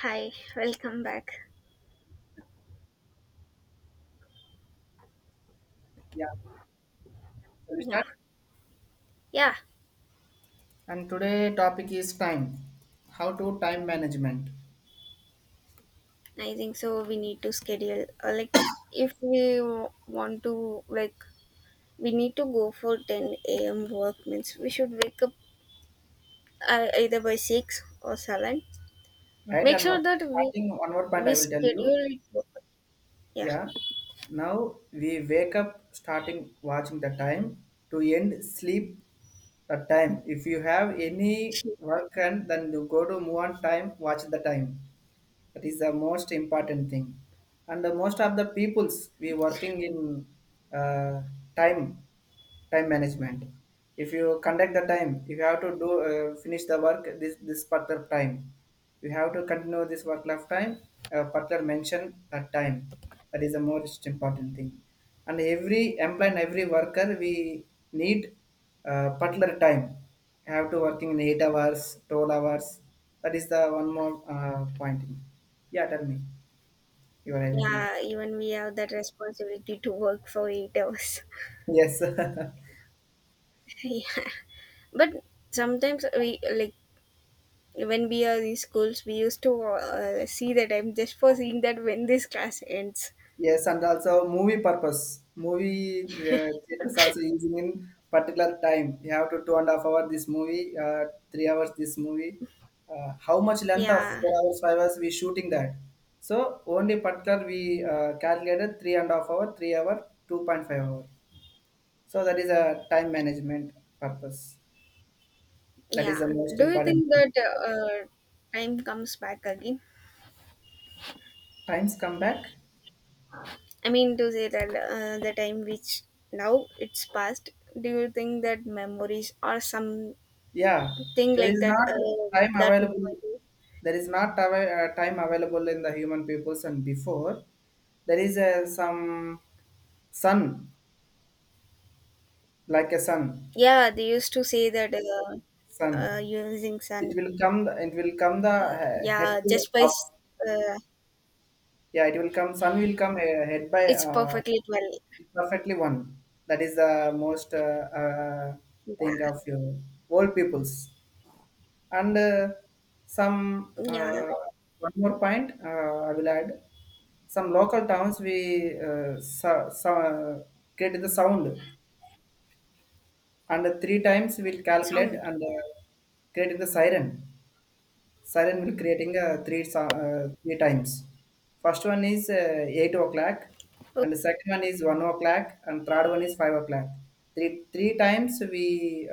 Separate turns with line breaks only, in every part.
Hi, welcome back.
Yeah, shall we
Yeah,
start?
yeah.
And today topic is time, how to time management,
I think so. We need to schedule. Like, if we want to, like, we need to go for 10 a.m. work. Means we should wake up either by six or seven.
right?
Make sure that we
Starting one more point I
we
will tell you.
schedule it. Yeah,
Yeah, now we wake up starting watching the time to end sleep the time. If you have any work and then you go to move on time, watch the time. That is the most important thing. And the most of the peoples we working in uh, time time management, if you conduct the time, if you have to do finish the work this particular time, you have to continue this work life time, particular mention that time. That is the most important thing. And every employee and every worker we need particular time, you have to working in 8 hours, 12 hours. That is the one more point. Yeah, tell me, you are anything?
yeah. Even we have that responsibility to work for 8 hours.
Yes.
Yeah, but sometimes we like when we are in schools we used to see the time just for seeing that when this class ends.
Yes, and also movie purpose. Movie theaters also using in particular time. You have to 2.5 hour this movie, 3 hours this movie. How much length of
Yeah,
4 hours, 5 hours we shooting that? So only particular we calculated 3.5 hour, 3 hour, 2.5 hour. So that is a time management purpose. That is the
yeah.
most
Do you
important
think
thing.
that uh, time comes back again?
Times come back.
I mean to say that, the time which now it's past, do you think that memories or something
Yeah, there
like
is
that,
not time
that
available, there is not av- time available in the human peoples. And before there is a some sun, like a sun,
yeah, they used to say that,
sun,
using
it
sun.
will come it will come the head
Yeah,
to
just by,
up.
uh,
Yeah, it will come, sun will come head by
it's perfectly well.
perfectly one. That is the most thing of your old peoples. And some
Yeah, yeah,
one more point I will add. Some local towns we create the sound, and three times we'll calculate,
sound.
and creating the siren. Siren will creating three times. First one is 8 o'clock, and the
Okay.
second one is 1 o'clock, and third one is 5 o'clock. Three three times we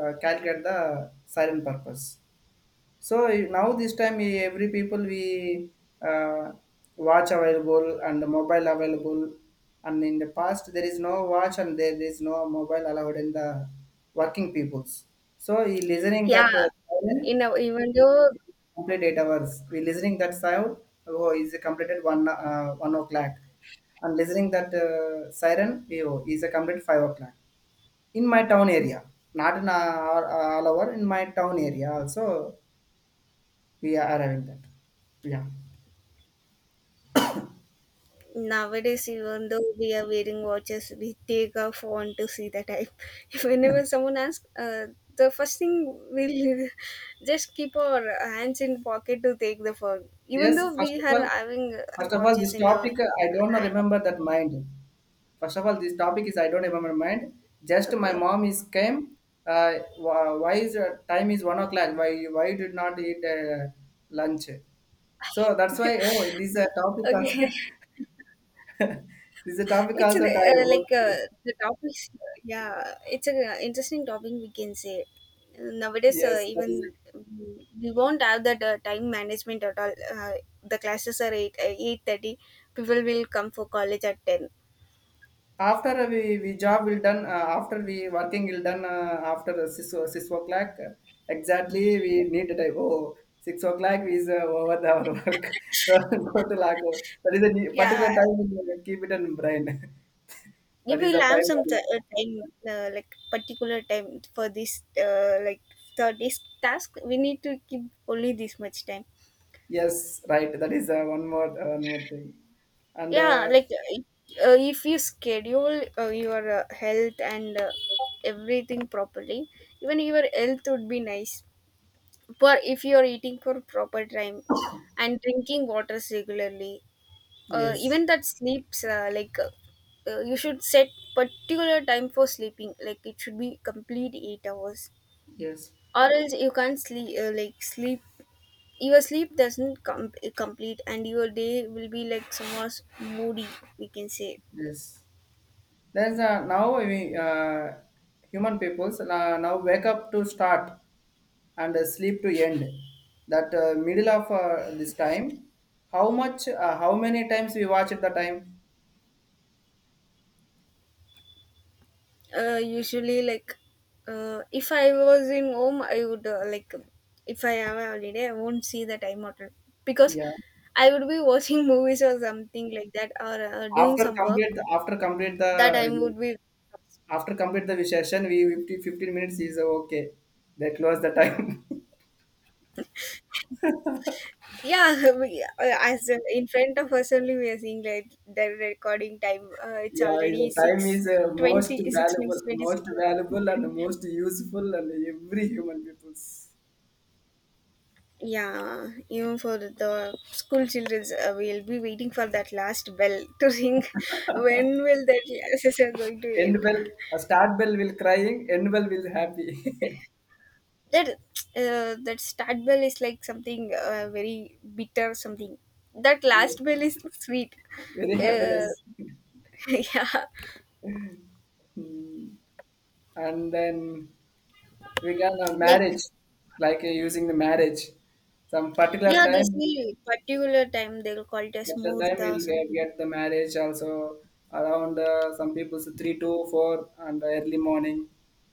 calculate the siren purpose. So now this time every people we uh, watch available and mobile available, and in the past there is no watch and there is no mobile allowed in the working peoples. So listening
Yeah,
that silent,
even though
complete 8 hours. We listening that sound, oh, is completed one 1 o'clock, and listening that siren we, oh, is a complete 5 o'clock in my town area. Not in all over in my town area also we are having that. Yeah.
nowadays, even though we are wearing watches, we take our phone to see the time. If whenever someone asks, the first thing we'll just keep our hands in pocket to take the phone, even
Yes.
though we are having
First of all, this
watches in our
topic I don't know
hand.
remember that mind. First of all, this topic is I don't remember mind. Just my
Okay,
mom is came. Uh, why is time is 1 o'clock? Why you did not eat lunch? So that's why. Oh, it is a topic
okay.
also. This is a topic
It's an,
also time. Okay.
like, the topics. Yeah, it's an interesting topic we can say. Nowadays,
Yes, that is.
even, we won't have that time management at all. The classes are 8:30. People will come for college at ten.
After we job will done after we working will done after six 6 o'clock, exactly we need to type, oh, 6 o'clock is over the our work. So go to lock over. That is a particular
Yeah,
time, we keep it in brain.
you
That is the
will have
time
some time, like particular time for this, like for this task. We need to keep only this much time.
yes, right. That is one more thing. And
Yeah, like, if you schedule, your health and everything properly, even your health would be nice. But if you are eating for proper time and drinking water regularly,
yes,
even that sleeps, like, you should set particular time for sleeping. Like it should be complete 8 hours,
yes,
or else you can't sleep. Like sleep, your sleep doesn't complete, and your day will be like somewhat moody. We can say,
yes, there's now we human peoples, now wake up to start and sleep to end. That middle of this time, how much, how many times we watch at the time?
usually, like, if I was in home, I would, like, if I have a holiday, I won't see the time at, because
Yeah.
I would be watching movies or something like that, or doing
after
some work.
complete after complete the
That time would be.
after complete the session, we 50 15 minutes is okay, they close the time.
Yeah. We, as in front of us only, we are seeing like the recording time, it's
Yeah, the
already
time
six
is
twenty six minutes 20
most
seconds.
valuable and most useful and every human people's
Yeah, even for the school children, we'll be waiting for that last bell to ring. When will that classes are going to
end
end?
well. Start well will crying, end well will happy.
That, that start bell is like something, very bitter, something. That
Yeah,
last bell is sweet.
very happiness.
Uh, yeah,
Hmm. And then we got a
like,
marriage, like using the marriage some particular
yeah, they
time,
see particular time they will call it as
particular time
murta or
we'll
something.
get the marriage also around some people's 3 to 4 and early morning.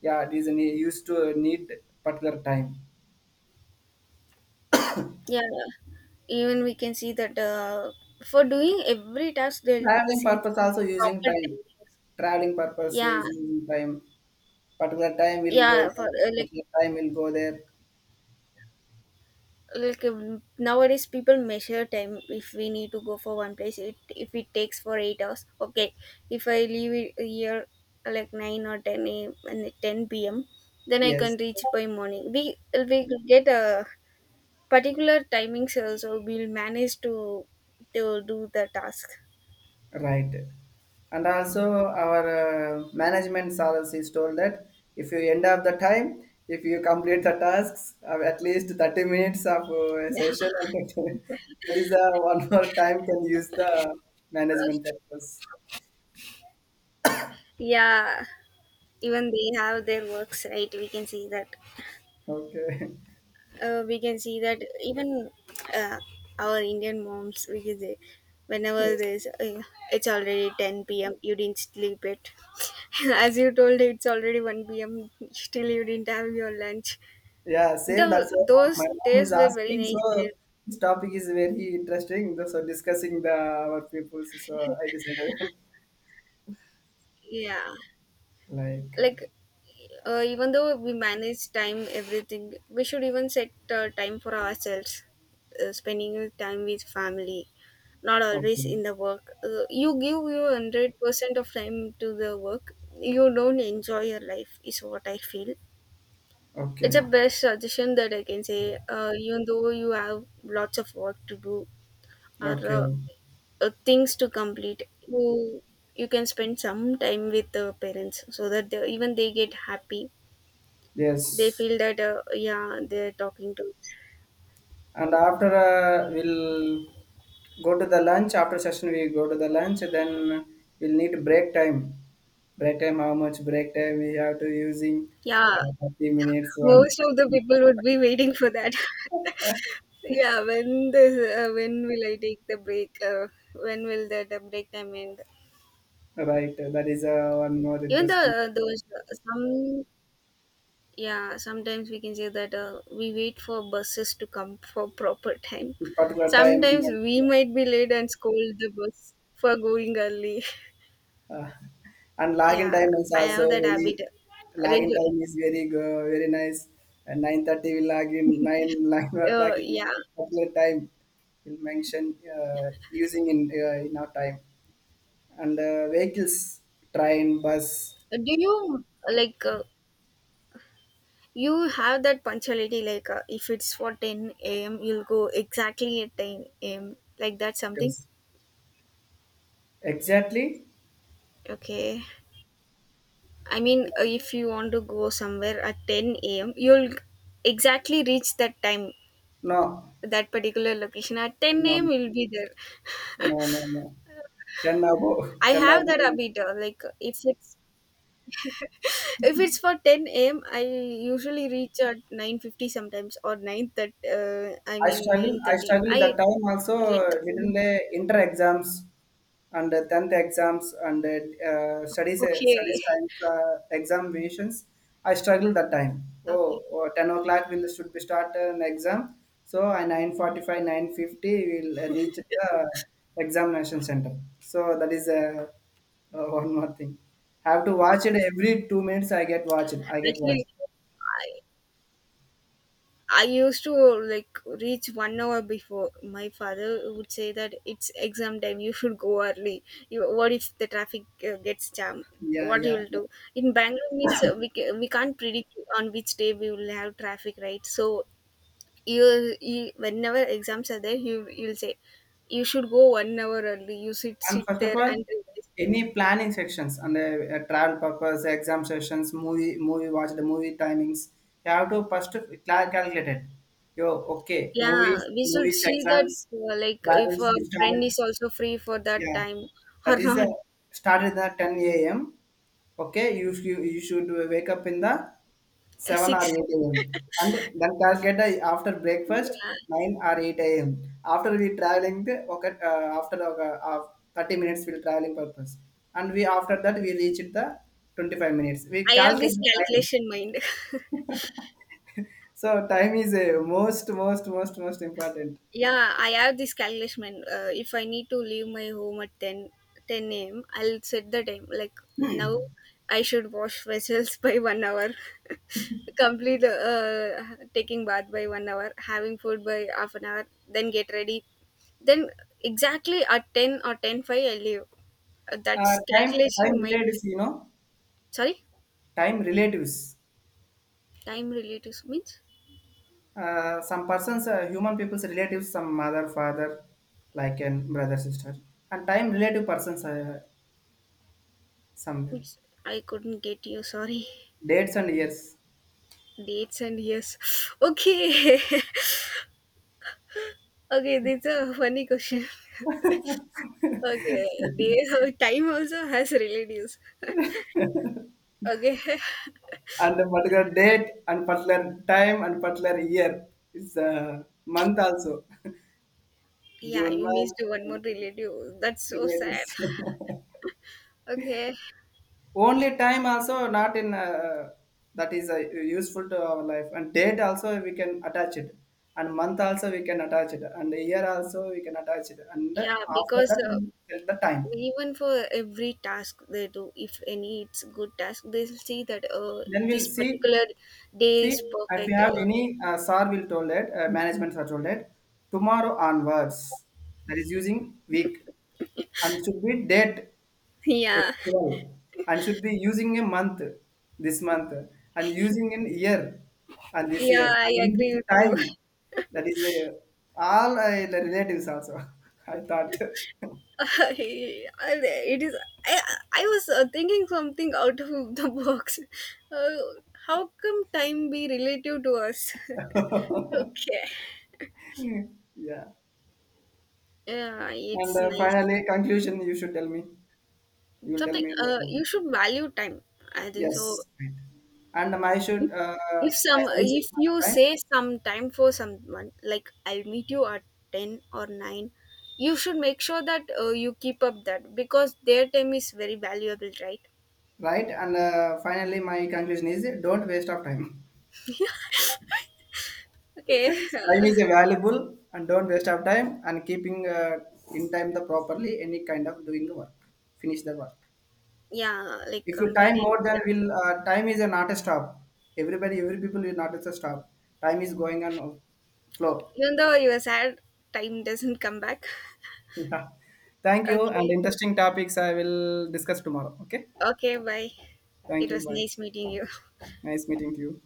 Yeah, it is a used to need particular time.
Yeah, even we can see that, for doing every task they'll
Traveling
see
purpose also using
proper
time,
timing.
traveling purpose
Yeah,
is using time. Particular time will go
yeah. For
there,
like
particular time will go there
like nowadays, people measure time. If we need to go for one place, it if it takes for 8 hours, okay. If I leave it here, like, nine or ten a and 10 p.m., then I
yes.
can reach by morning. We get a particular timings also. We'll manage to do the task.
Right. And also our management is told that if you end up the time, if you complete the tasks of at least 30 minutes of session, and that is one more time can use the management purpose.
Yeah, even they have their works right. We can see that.
Okay.
We can see that even, uh, our Indian moms, we can say, whenever
Yes.
there's, it's already 10 p.m., you didn't sleep it. As you told, it's already 1 p.m., still you didn't have your lunch.
Yeah, same. That's
The,
what my
those
mom is
days were very
asking. So
nice days.
this topic is very interesting. So discussing the our people. So I decided.
Yeah.
Like
Like, even though we manage time, everything we should even set, time for ourselves, spending time with family, not always
okay,
in the work. You give your 100% of time to the work, you don't enjoy your life, is what I feel. It's a
okay,
best suggestion that I can say. Even though you have lots of work to do, or
okay.
things to complete, you you can spend some time with the parents, so that they, even they get happy, they
Yes,
feel that, yeah, they're talking to.
and after we'll go to the lunch. After session, we go to the lunch. Then we'll need break time. Break time. How much break time we have to using?
Yeah,
30 minutes. One.
most of the people would be waiting for that. Yeah, when will I take the break, when will that the break time end?
Right. That is one more
Even the,
interesting.
those, some, yeah, sometimes we can say that, we wait for buses to come for proper time.
This particular time.
Sometimes we might be late and scold the bus for going early.
Uh, and lag in
Yeah,
time is
I
also
have that
very,
habit,
lag in
Raju.
time is very very nice. And 9:30 will lag in nine lag, not lag in
Yeah,
particular time. Will mention using in our time and vehicles, train, bus.
do you like, you have that punctuality, like, if it's for 10 a.m., you'll go exactly at 10 a.m. Like that, something.
Yes. Exactly.
Okay. I mean, if you want to go somewhere at 10 a.m., you'll exactly reach that time,
No,
that particular location. At
no,
10
no,
a.m., you'll be there.
no. Ten above,
I
ten
have that
above.
habit. Like if it's, if it's for 10 a.m., I usually reach at 9:50 sometimes, or 9, that, I
I
mean
struggle. I
9:30.
struggle that
I
time also.
like.
Didn't inter exams and tenth exams and uh, studies
Okay,
times, examinations. I struggle that time. Oh,
okay.
oh, 10 o'clock will should be start an exam. So I 9:45, 9:50 will reach the examination center. So that is one more thing. Have to watch it every 2 minutes. I get watched. I get watched.
Actually, I used to like reach 1 hour before. My father would say that it's exam time. You should go early. You, what if the traffic gets jammed?
Yeah,
What you
yeah.
will do in Bangalore means, we can't predict on which day we will have traffic, right? So you whenever exams are there, you'll say you should go 1 hour early. You sit
And
sit
first of
there
all,
and revise.
any planning sections and travel purpose, exam sessions, movie watch, the movie timings. You have to first calculate it. You okay?
Yeah,
Movies,
we should
movies,
see that,
exams,
like, if
travels,
our
we
friend
started.
is also free for that
Yeah,
time
that
or
is
not.
started at 10 a.m. Okay, you, sh- you should wake up in the 7 or
Six.
8 a.m., and then calculate after breakfast
Yeah,
9 or 8 a.m. After we traveling, okay, after 30 minutes we traveling purpose, and we after that we reach the 25 minutes. We
I have
calculate
this
the time.
calculation mind.
So time is most important.
Yeah, I have this calculation mind. If I need to leave my home at ten ten 10 a.m., I'll set the time. Like now, I should wash vessels by 1 hour, complete taking bath by 1 hour, having food by half an hour, then get ready. Then exactly at 10 or 10 5 I leave. Uh,
Uh,
that's
time Time
calculation mindset.
relatives, you know,
Sorry?
time relatives.
Time relatives means?
Some persons, human people's relatives, some mother, father, like, and brother, sister, and time relative persons, some
Oops, I couldn't get you. Sorry.
dates and years,
Dates and years. Okay. Okay, this is a funny question. Okay, day, time also has relatives. Okay.
and a particular date and particular time and particular year is month also.
Yeah,
June
you
month,
missed one more
and
relative. That's so
relatives.
sad. Okay.
Only time also not in that is useful to our life, and date also we can attach it, and month also we can attach it, and year also we can attach it, and
Yeah,
after
because,
that we tell the time.
even for every task they do, if any it's good task, they see that,
Then we'll
this
see
particular day
see
is
if we
perfect.
have any SAR will told it, management are told it tomorrow onwards. That is using week and should be date,
Yeah.
festival, and should be using a month, this month, and using an year, and this
Yeah,
year,
I
and using
agree with you.
time. That is a, all the relatives also. I thought.
It is. I, I was, thinking something out of the box. How come time be relative to us? Okay.
Yeah,
Yeah,
and
it's nice.
finally conclusion you should tell me, you will tell
Something.
me in the final.
You should value time. I think so.
Yes, right. And my should,
If if
I
some
suggest it
if
for the
you
time.
say some time for someone, like I'll meet you at ten or nine, you should make sure that, you keep up that because their time is very valuable, right?
Right, and finally my conclusion is don't waste of time,
Okay.
time is valuable, and don't waste our time and keeping in time the properly any kind of doing the work, finish the work.
Yeah, like
If you time
completing.
more than will, time is a not a stop, everybody every people will not a stop, time is going on flow.
Even though you were sad, time doesn't come back.
Yeah, thank you, and
Okay.
interesting topics I will discuss tomorrow, okay?
Okay, bye.
Thank
It
you,
was
bye.
nice meeting you.
Nice meeting you.